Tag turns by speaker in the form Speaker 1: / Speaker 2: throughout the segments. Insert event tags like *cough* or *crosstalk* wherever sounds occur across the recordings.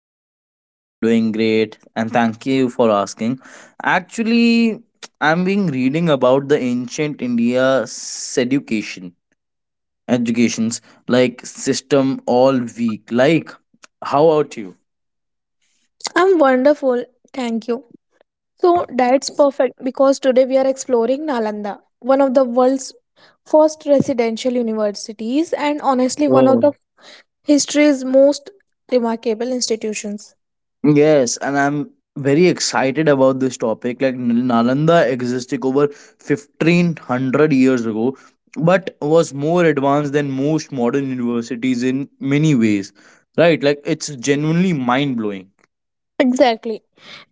Speaker 1: Hi Kavita. I am doing great and thank you for asking. Actually, I'm being reading about the ancient India seducation educations like system all week. Like, how about
Speaker 2: I'm wonderful, thank you. So that's perfect because today we are exploring Nalanda, one of the world's first residential universities and honestly one of
Speaker 1: you?
Speaker 2: the history's most remarkable institutions.
Speaker 1: Yes, and I'm very excited about this topic. Nalanda existed over 1500 years ago, but was more advanced than most modern universities in many ways. Right? Like it's genuinely mind blowing.
Speaker 2: Exactly.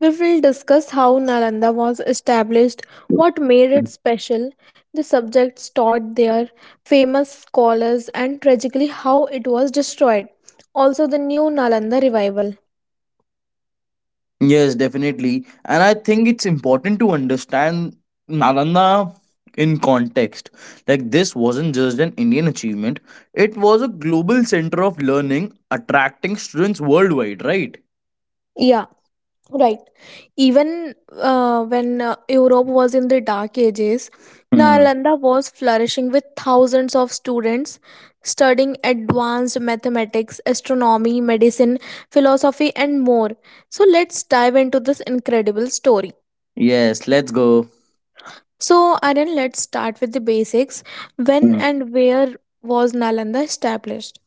Speaker 2: We will discuss how Nalanda was established, what made it special, the subjects taught there, famous scholars, and tragically how it was destroyed. Also, the new Nalanda revival.
Speaker 1: Yes, definitely. And I think it's important to understand Nalanda in context. Like, this wasn't just an Indian achievement, it was a global center of learning attracting students worldwide, right?
Speaker 2: Yeah, right. Even when Europe was in the dark ages, Nalanda was flourishing with thousands of students studying advanced mathematics, astronomy, medicine, philosophy, and more. So, let's dive into this incredible story.
Speaker 1: Yes, let's go.
Speaker 2: So, Aryan, let's start with the basics. When
Speaker 1: Mm.
Speaker 2: and where was Nalanda established?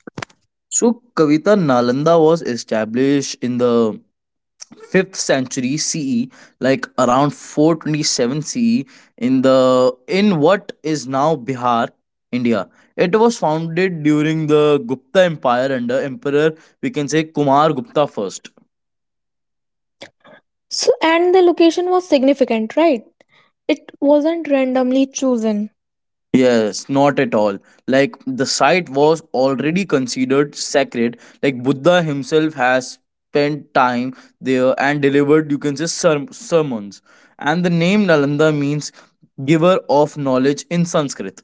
Speaker 1: So, Kavita, Nalanda was established in the 5th century CE, like around 427 CE, in the in what is now Bihar, India. It was founded during the Gupta Empire under Emperor, we can say, Kumar Gupta first.
Speaker 2: So, and the location was significant, right? It wasn't randomly chosen.
Speaker 1: Yes, not at all. Like the site was already considered sacred. Like Buddha himself has spent time there and delivered, you can say, sermons. And the name Nalanda means giver of knowledge in Sanskrit.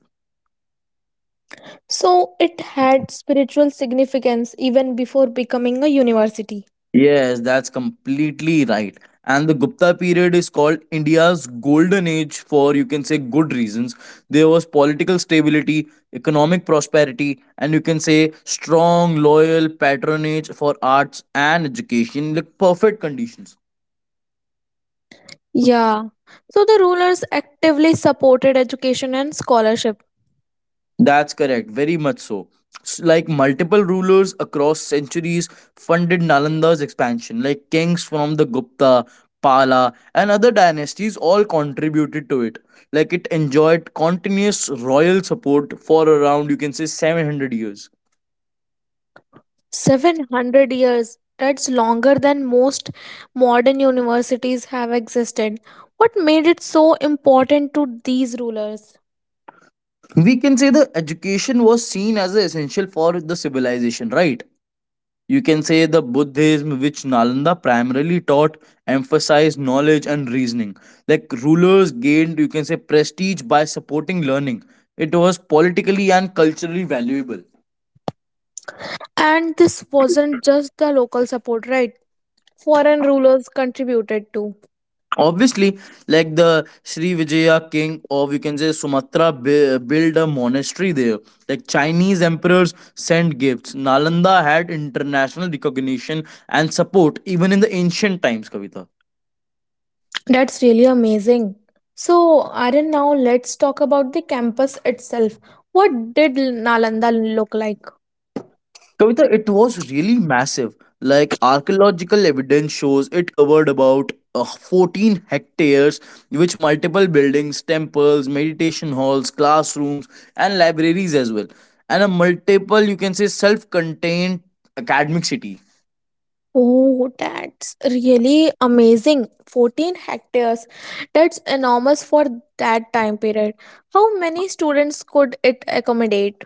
Speaker 2: So it had spiritual significance even before becoming a university.
Speaker 1: Yes, that's completely right. And the Gupta period is called India's golden age for, you can say, good reasons. There was political stability, economic prosperity, and you can say strong, loyal patronage for arts and education, like perfect conditions.
Speaker 2: Yeah. So the rulers actively supported education and scholarship.
Speaker 1: That's correct, very much so. Like multiple rulers across centuries funded Nalanda's expansion, like kings from the Gupta, Pala, and other dynasties all contributed to it. Like it enjoyed continuous royal support for around, you can say, 700 years.
Speaker 2: 700 years. That's longer than most modern universities have existed. What made it so important to these rulers?
Speaker 1: We can say the education was seen as essential for the civilization, right? You can say the Buddhism, which Nalanda primarily taught, emphasized knowledge and reasoning. Like rulers gained, you can say, prestige by supporting learning. It was politically and culturally valuable.
Speaker 2: And this wasn't just the local support, right? Foreign rulers contributed too.
Speaker 1: Obviously, like the Sri Vijaya king, or you can say Sumatra, built a monastery there. Like Chinese emperors sent gifts. Nalanda had international recognition and support even in the ancient times, Kavita.
Speaker 2: That's really amazing. So, Aryan, now let's talk about the campus itself. What did Nalanda look like?
Speaker 1: Kavita, it was really massive. Like archaeological evidence shows, it covered about 14 hectares, which multiple buildings, temples, meditation halls, classrooms, and libraries as well. And a multiple, you can say, self contained academic city.
Speaker 2: Oh, that's really amazing. 14 hectares. That's enormous for that time period. How many students could it accommodate?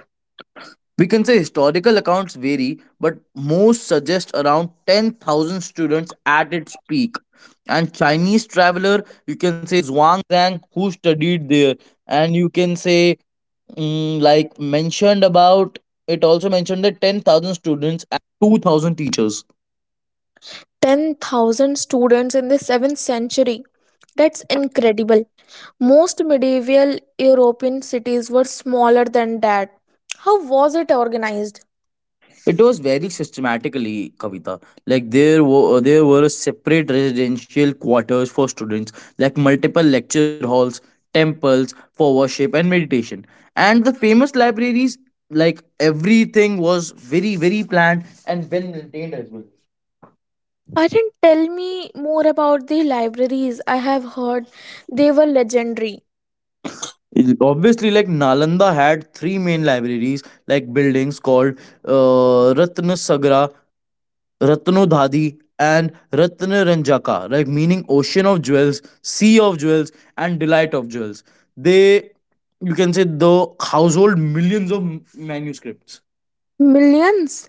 Speaker 1: We can say historical accounts vary, but most suggest around 10,000 students at its peak. And Chinese traveler, you.
Speaker 2: 10,000 students in the 7th century. That's incredible. Most medieval European cities were smaller than that. How was it organized?
Speaker 1: It was very systematically, Kavita. Like there were separate residential quarters for students, like multiple lecture halls, temples for worship and meditation, and the famous libraries. Like everything was very planned and well maintained as well.
Speaker 2: I didn't tell me more about the libraries. I have heard they were legendary.
Speaker 1: Obviously, like Nalanda had three main libraries, like buildings called Ratnasagra Ratnodhadi and Ratnaranjaka, like meaning ocean of jewels, sea of jewels, and delight of jewels. They, you can say, the household millions of manuscripts.
Speaker 2: Millions?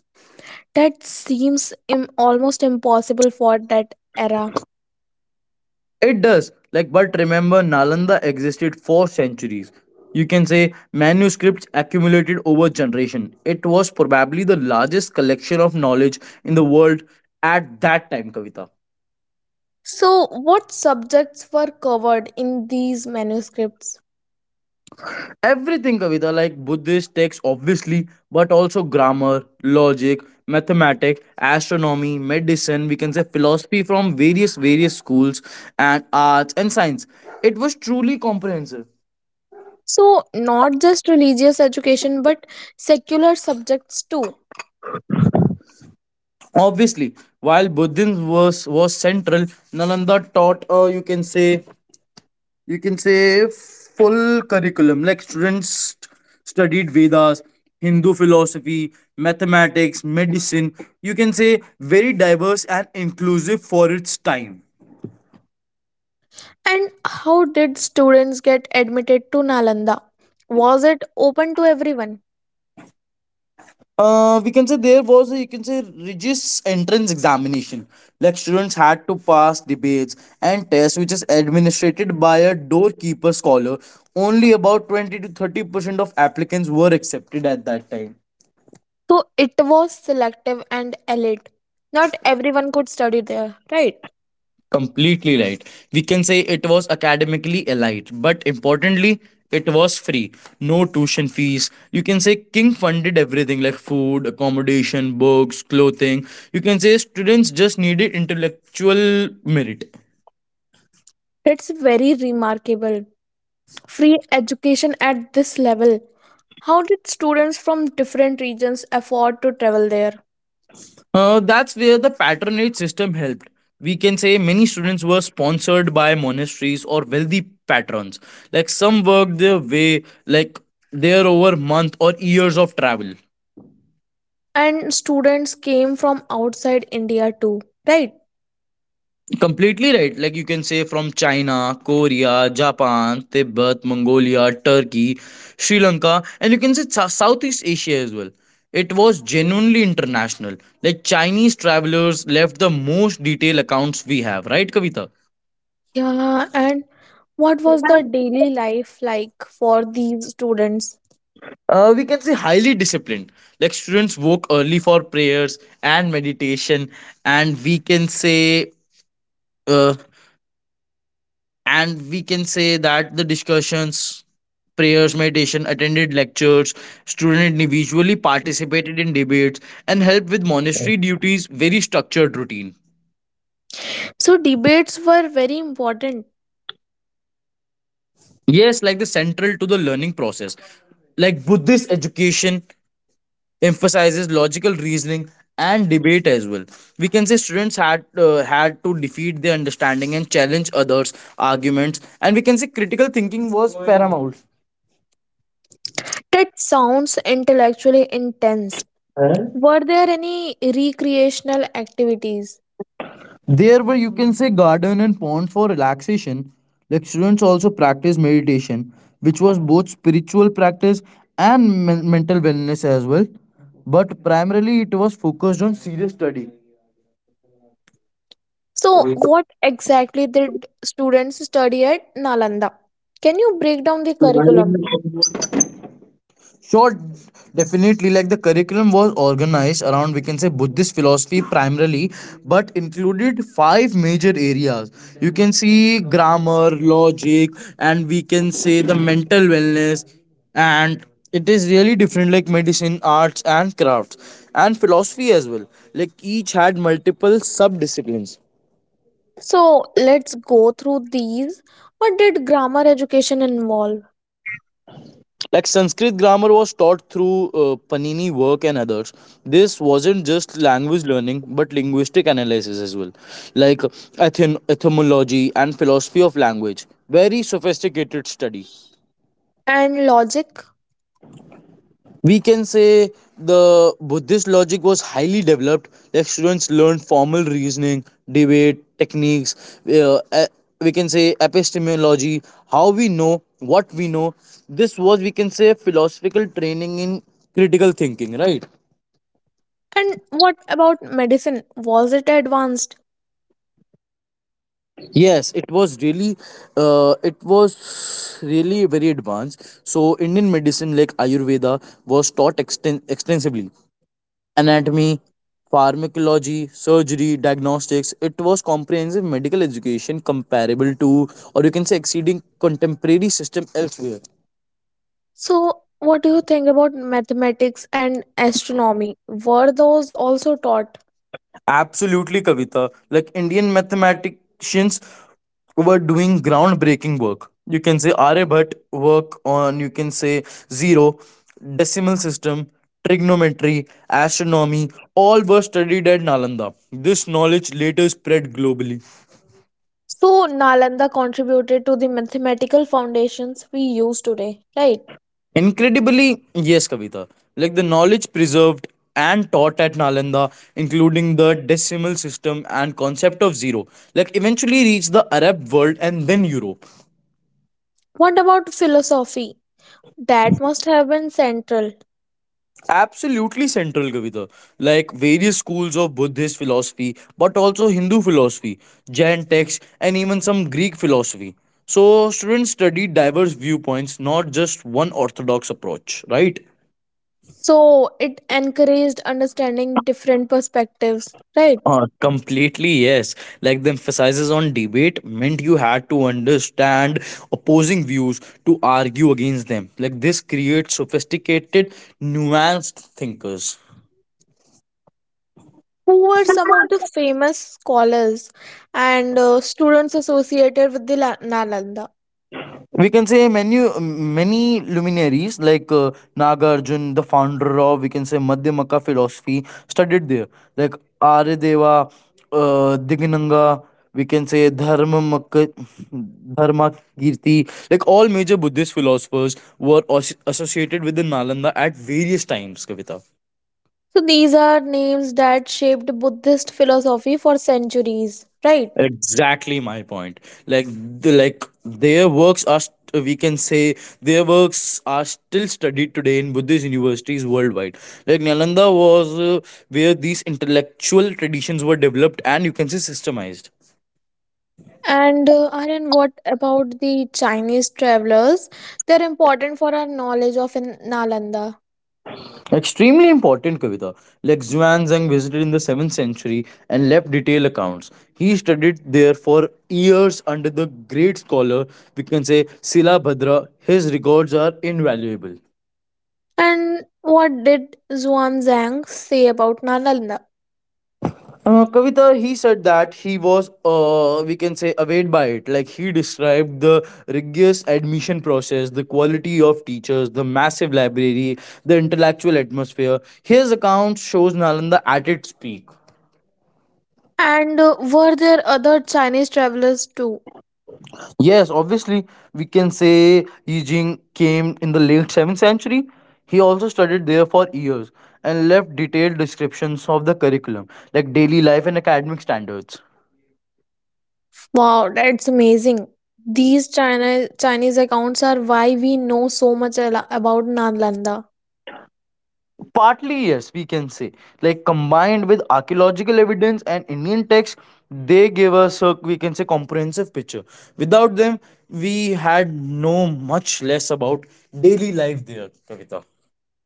Speaker 2: That seems almost impossible for that era.
Speaker 1: It does, like, but remember, Nalanda existed for centuries. You can say manuscripts accumulated over generation. It was probably the largest collection of knowledge in the world at that time, Kavita.
Speaker 2: So, what subjects were covered in these manuscripts?
Speaker 1: Everything, Kavita, like Buddhist texts, obviously, but also grammar, logic, mathematics, astronomy, medicine, we can say philosophy from various schools, and arts and science. It was truly comprehensive.
Speaker 2: So, not just religious education but secular subjects too.
Speaker 1: Obviously, while Buddhism was central, Nalanda taught, you can say full curriculum like students studied vedas, hindu philosophy, mathematics, medicine, you can say very diverse and inclusive for its time.
Speaker 2: And how did students get admitted to Nalanda? Was it open to everyone?
Speaker 1: We can say there was a, you can say, rigorous entrance examination, like students had to pass debates and tests which is administered by a doorkeeper scholar. Only about 20 to 30% of applicants were accepted at that time.
Speaker 2: So it was selective and elite. Not everyone could study there, right?
Speaker 1: Completely right. We can say it was academically elite, but importantly, it was free. No tuition fees. You can say King funded everything like food, accommodation, books, clothing. You can say students just needed intellectual merit.
Speaker 2: That's very remarkable. Free education at this level. How did students from different regions afford to travel there?
Speaker 1: That's where the patronage system helped. We can say many students were sponsored by monasteries or wealthy patrons. Like some worked their way, like there over month or years of travel.
Speaker 2: And students came from outside India too, right?
Speaker 1: Completely right. Like you can say from China, Korea, Japan, Tibet, Mongolia, Turkey, Sri Lanka, and you can say Southeast Asia as well. It was genuinely international. Like Chinese travelers left the most detailed accounts we have, right, Kavita?
Speaker 2: Yeah, and what was the daily life like for these students?
Speaker 1: We can say highly disciplined. Like students woke early for prayers and meditation, and we can say. uh, and we can say that the discussions, prayers, meditation, attended lectures, student individually participated in debates and helped with monastery duties, very structured routine.
Speaker 2: So debates were very important.
Speaker 1: Yes, like the central to the learning process, like buddhist education emphasizes logical reasoning and debate as well. We can say students had to defeat their understanding and challenge others arguments, and we can say critical thinking was paramount.
Speaker 2: That sounds intellectually intense. Were there any recreational activities?
Speaker 1: There were, you can say, garden and pond for relaxation. Like students also practice meditation, which was both spiritual practice and mental wellness as well. But primarily it was focused on serious study.
Speaker 2: So what exactly did students study at Nalanda? Can you break down the curriculum?
Speaker 1: Sure, definitely. Like the curriculum was organized around, we can say, Buddhist philosophy primarily, but included five major areas. You can see grammar, logic, and we can say the mental wellness. And it is really different, like medicine, arts, and crafts, and philosophy as well. Like each had multiple sub disciplines,
Speaker 2: So let's go through these. What did grammar education involve?
Speaker 1: like sanskrit grammar was taught through panini work and others. This wasn't just language learning but linguistic analysis as well, like etymology and philosophy of language, very sophisticated study.
Speaker 2: And logic?
Speaker 1: We can say the buddhist logic was highly developed. Like students learned formal reasoning, debate techniques, uh, e- we can say epistemology, how we know what we know. This was, we can say, philosophical training in critical thinking, right?
Speaker 2: And what about medicine? Was it advanced?
Speaker 1: Yes, it was really very advanced. So indian medicine like ayurveda was taught extensively, anatomy, pharmacology, surgery, diagnostics. It was comprehensive medical education comparable to, or you can say, exceeding contemporary system elsewhere.
Speaker 2: So, what do you think about mathematics and astronomy? Were those also taught?
Speaker 1: Absolutely, Kavita. Like Indian mathematicians were doing groundbreaking work. You can say Aryabhatt work on, you can say, zero, decimal system, trigonometry, astronomy, all were studied at Nalanda. This knowledge later spread globally.
Speaker 2: So, Nalanda contributed to the mathematical foundations we use today, right?
Speaker 1: Incredibly, yes, Kavita. Like the knowledge preserved and taught at Nalanda, including the decimal system and concept of zero, like eventually reached the Arab world and then Europe.
Speaker 2: What about philosophy? That must have been central.
Speaker 1: Absolutely central, Kavita. Like various schools of Buddhist philosophy, but also Hindu philosophy, Jain texts, and even some Greek philosophy. So students studied diverse viewpoints, not just one orthodox approach, right?
Speaker 2: So, it encouraged understanding different perspectives, right?
Speaker 1: Completely yes, like the emphasizes on debate meant you had to understand opposing views to argue against them. Like this creates sophisticated, nuanced thinkers.
Speaker 2: Who were some of the famous scholars and students associated with the Nalanda?
Speaker 1: We can say many luminaries, like Nagarjun, the founder of, we can say, Madhyamaka philosophy, studied there. Like Aryadeva, Dignanga, we can say Dharmakirti. Like all major Buddhist philosophers were associated with the Nalanda at various times, Kavita.
Speaker 2: So these are names that shaped Buddhist philosophy for centuries, right?
Speaker 1: Exactly my point. Like the, like their works are st- we can say their works are still studied today in buddhist universities worldwide. Like nalanda was where these intellectual traditions were developed and, you can say, systemized.
Speaker 2: And Aryan, what about the Chinese travelers? They're important for our knowledge of Nalanda.
Speaker 1: Extremely important, Kavita. Like Xuanzang visited in the 7th century and left detailed accounts. He studied there for years under the great scholar, we can say, Silabhadra. His records are invaluable.
Speaker 2: And what did Zhuangzang say about Nalanda?
Speaker 1: Kavita, he said that he was, we can say, awed by it. Like he described the rigorous admission process, the quality of teachers, the massive library, the intellectual atmosphere. His account shows Nalanda at its peak.
Speaker 2: And were there other Chinese travelers too?
Speaker 1: Yes, obviously, we can say Yijing came in the late 7th century. He also studied there for years and left detailed descriptions of the curriculum, like daily life and academic standards.
Speaker 2: Wow, that's amazing. These China Chinese accounts are why we know so much about Nalanda.
Speaker 1: Partly yes, we can say, like combined with archaeological evidence and indian texts, they give us a, we can say, comprehensive picture. Without them we had no much less about daily life there, Kavita. *laughs*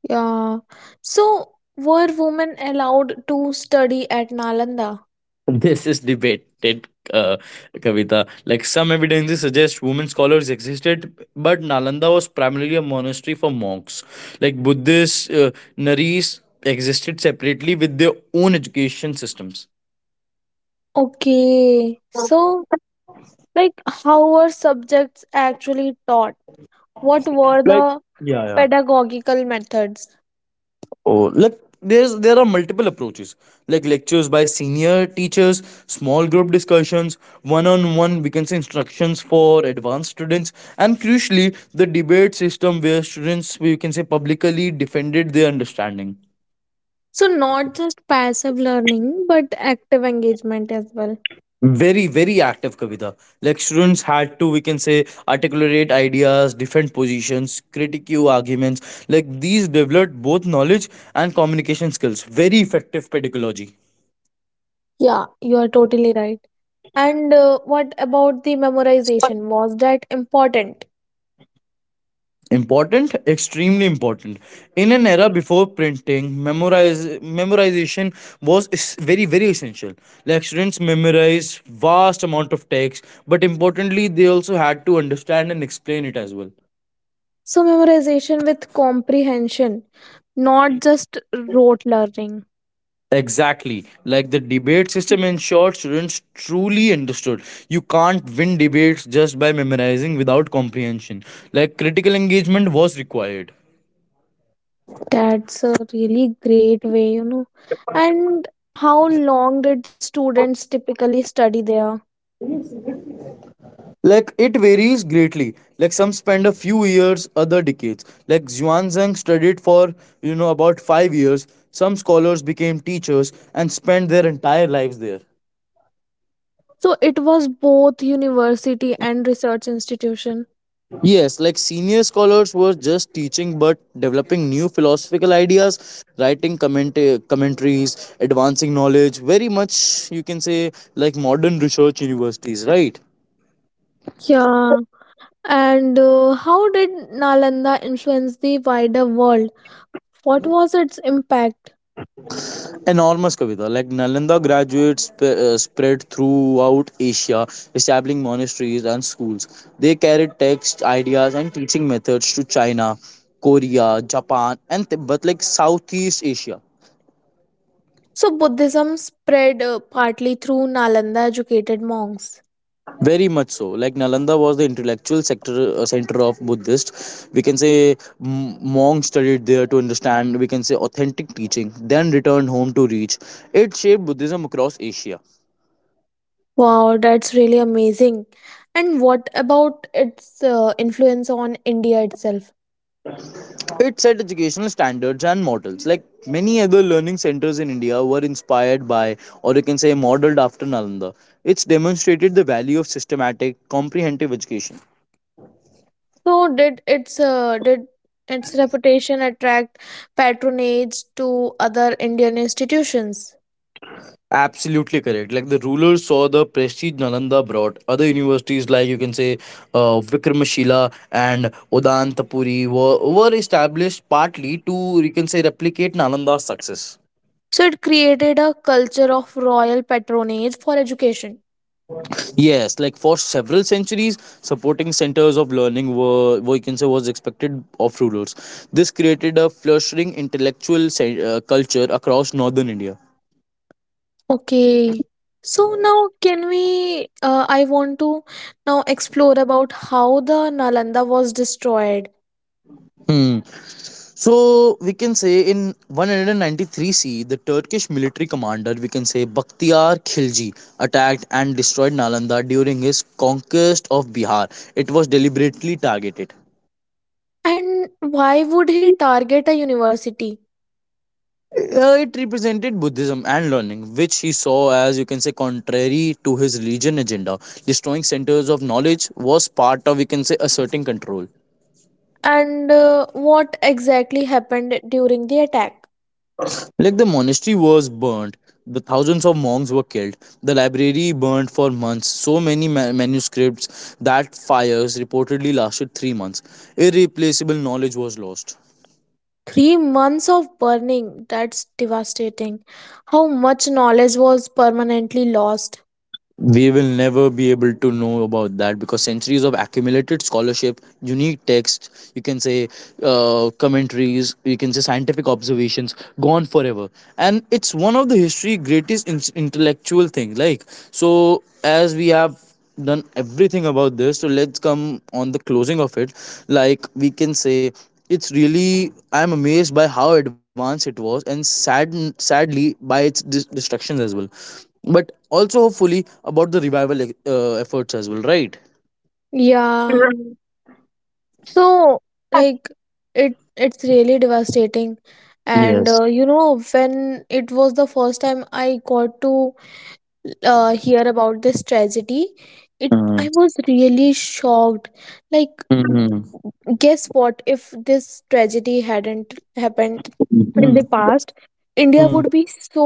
Speaker 2: Yeah. So, were women allowed to study at Nalanda?
Speaker 1: This is debated, uh, Kavita. Like some evidences suggest women scholars existed, but Nalanda was primarily a monastery for monks. Like Buddhist Naris existed separately with their own education systems.
Speaker 2: Okay. So, like, how were subjects actually taught? What were
Speaker 1: Like,
Speaker 2: the
Speaker 1: yeah.
Speaker 2: pedagogical methods?
Speaker 1: Oh, like there are multiple approaches, like lectures by senior teachers, small group discussions, one-on-one, we can say, instructions for advanced students, and crucially, the debate system where students, we can say, publicly defended their understanding.
Speaker 2: So, not just passive learning, but active engagement as well.
Speaker 1: Very active, Kavita. Like students had to, we can say, articulate ideas, defend positions, critique arguments. Like these developed both knowledge and communication skills. Very effective pedagogy.
Speaker 2: Yeah, you are totally right. And what about the memorization? Was that important?
Speaker 1: Important extremely important. In an era before printing, memorize memorization was very essential. Like students memorized vast amount of text, but importantly they also had to understand and explain it as well.
Speaker 2: So, memorization with comprehension, not just rote learning.
Speaker 1: Exactly. Like the debate system ensured students truly understood. You can't win debates just by memorizing without comprehension. Like critical engagement was required.
Speaker 2: That's a really great way, you know. And how long did students typically study there?
Speaker 1: Like it varies greatly. Like some spend a few years, other decades. Like Xuanzang studied for, you know, about 5 years. Some scholars became teachers and spent their entire lives there.
Speaker 2: So it was both university and research institution.
Speaker 1: Yes, like senior scholars were just teaching but developing new philosophical ideas, writing commentaries, advancing knowledge. Very much, you can say, like modern research universities, right?
Speaker 2: Yeah. And how did Nalanda influence the wider world? What was its impact?
Speaker 1: Enormous, Kavita. Like Nalanda graduates spread throughout Asia, establishing monasteries and schools. They carried text, ideas, and teaching methods to China, Korea, Japan, and but like Southeast Asia.
Speaker 2: So Buddhism spread partly through Nalanda educated monks.
Speaker 1: Very much so. Like Nalanda was the intellectual sector center of Buddhist. We can say monks studied there to understand. We can say authentic teaching. Then returned home to reach. It shaped Buddhism across Asia.
Speaker 2: Wow, that's really amazing. And what about its influence on India itself?
Speaker 1: It set educational standards and models. Like many other learning centers in India were inspired by, or you can say, modeled after Nalanda. It's demonstrated the value of systematic, comprehensive education.
Speaker 2: So did its reputation attract patronage to other Indian institutions?
Speaker 1: Absolutely correct. Like the rulers saw the prestige Nalanda brought. Other universities, like you can say Vikramashila and Odantapuri were established partly to, you can say, replicate Nalanda's success.
Speaker 2: So it created a culture of royal patronage for education.
Speaker 1: Yes, like for several centuries, supporting centers of learning were, you can say, was expected of rulers. This created a flourishing intellectual culture across northern India.
Speaker 2: Okay. So now can we I want to now explore about how the Nalanda was destroyed
Speaker 1: Hmm. So we can say in 193 C, the Turkish military commander, we can say, Bakhtiar Khilji, attacked and destroyed Nalanda during his conquest of Bihar. It was deliberately targeted.
Speaker 2: and why would he target a university
Speaker 1: It represented Buddhism and learning, which he saw as, you can say, contrary to his religion agenda. Destroying centers of knowledge was part of, you can say, asserting control.
Speaker 2: and what exactly happened during the attack?
Speaker 1: Like the monastery was burnt, the thousands of monks were killed, the library burned for months, so many manuscripts that fires reportedly lasted 3 months. Irreplaceable knowledge was lost.
Speaker 2: 3 months of burning, that's devastating. How much knowledge was permanently lost?
Speaker 1: We will never be able to know about that, because centuries of accumulated scholarship, unique texts, you can say, commentaries, you can say scientific observations, gone forever. And it's one of the history greatest intellectual thing. Like, so as we have done everything about this, so let's come on the closing of it. Like we can say it's really, I'm amazed by how advanced it was, and sad, sadly by its destructions as well, but also hopefully about the revival, like, efforts as well, right?
Speaker 2: Yeah. So, like, it's really devastating. And
Speaker 1: Yes.
Speaker 2: you know, when it was the first time I got to hear about this tragedy it I
Speaker 1: Mm.
Speaker 2: was really shocked, like
Speaker 1: Mm-hmm.
Speaker 2: guess what if this tragedy hadn't happened in
Speaker 1: Hmm.
Speaker 2: the past India
Speaker 1: Mm.
Speaker 2: would be so,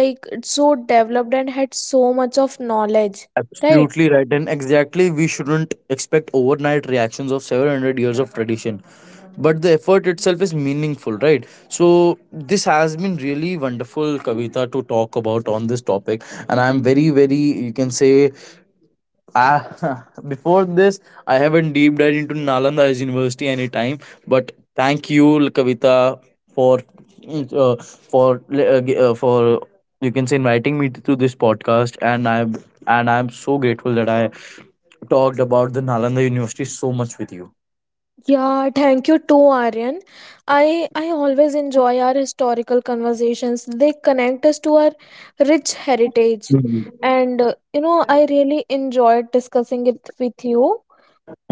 Speaker 2: like so developed and had so much of knowledge right.
Speaker 1: Absolutely right, and exactly we shouldn't expect overnight reactions of 700 years of tradition, but the effort itself is meaningful, right? So, this has been really wonderful, Kavita, to talk about on this topic, and I'm very you can say. Ah, *laughs* before this, I haven't deep dived into Nalanda as University any time, but thank you, Kavita, for for, you can say, inviting me to this podcast, and I'm so grateful that I talked about the Nalanda University so much with you.
Speaker 2: Yeah, thank you too, Aryan. I always enjoy our historical conversations. They connect us to our rich heritage,
Speaker 1: Mhm.
Speaker 2: and you know I really enjoyed discussing it with you.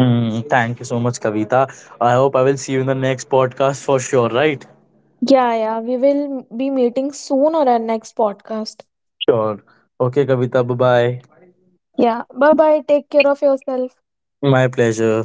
Speaker 1: Hmm. Thank you so much, Kavita. I hope I will see you in the next podcast for sure. Right?
Speaker 2: Yeah, yeah, we will be meeting soon on our next podcast.
Speaker 1: Sure. Okay, Kavita. Bye bye.
Speaker 2: Yeah, bye bye. Take care of yourself.
Speaker 1: My pleasure.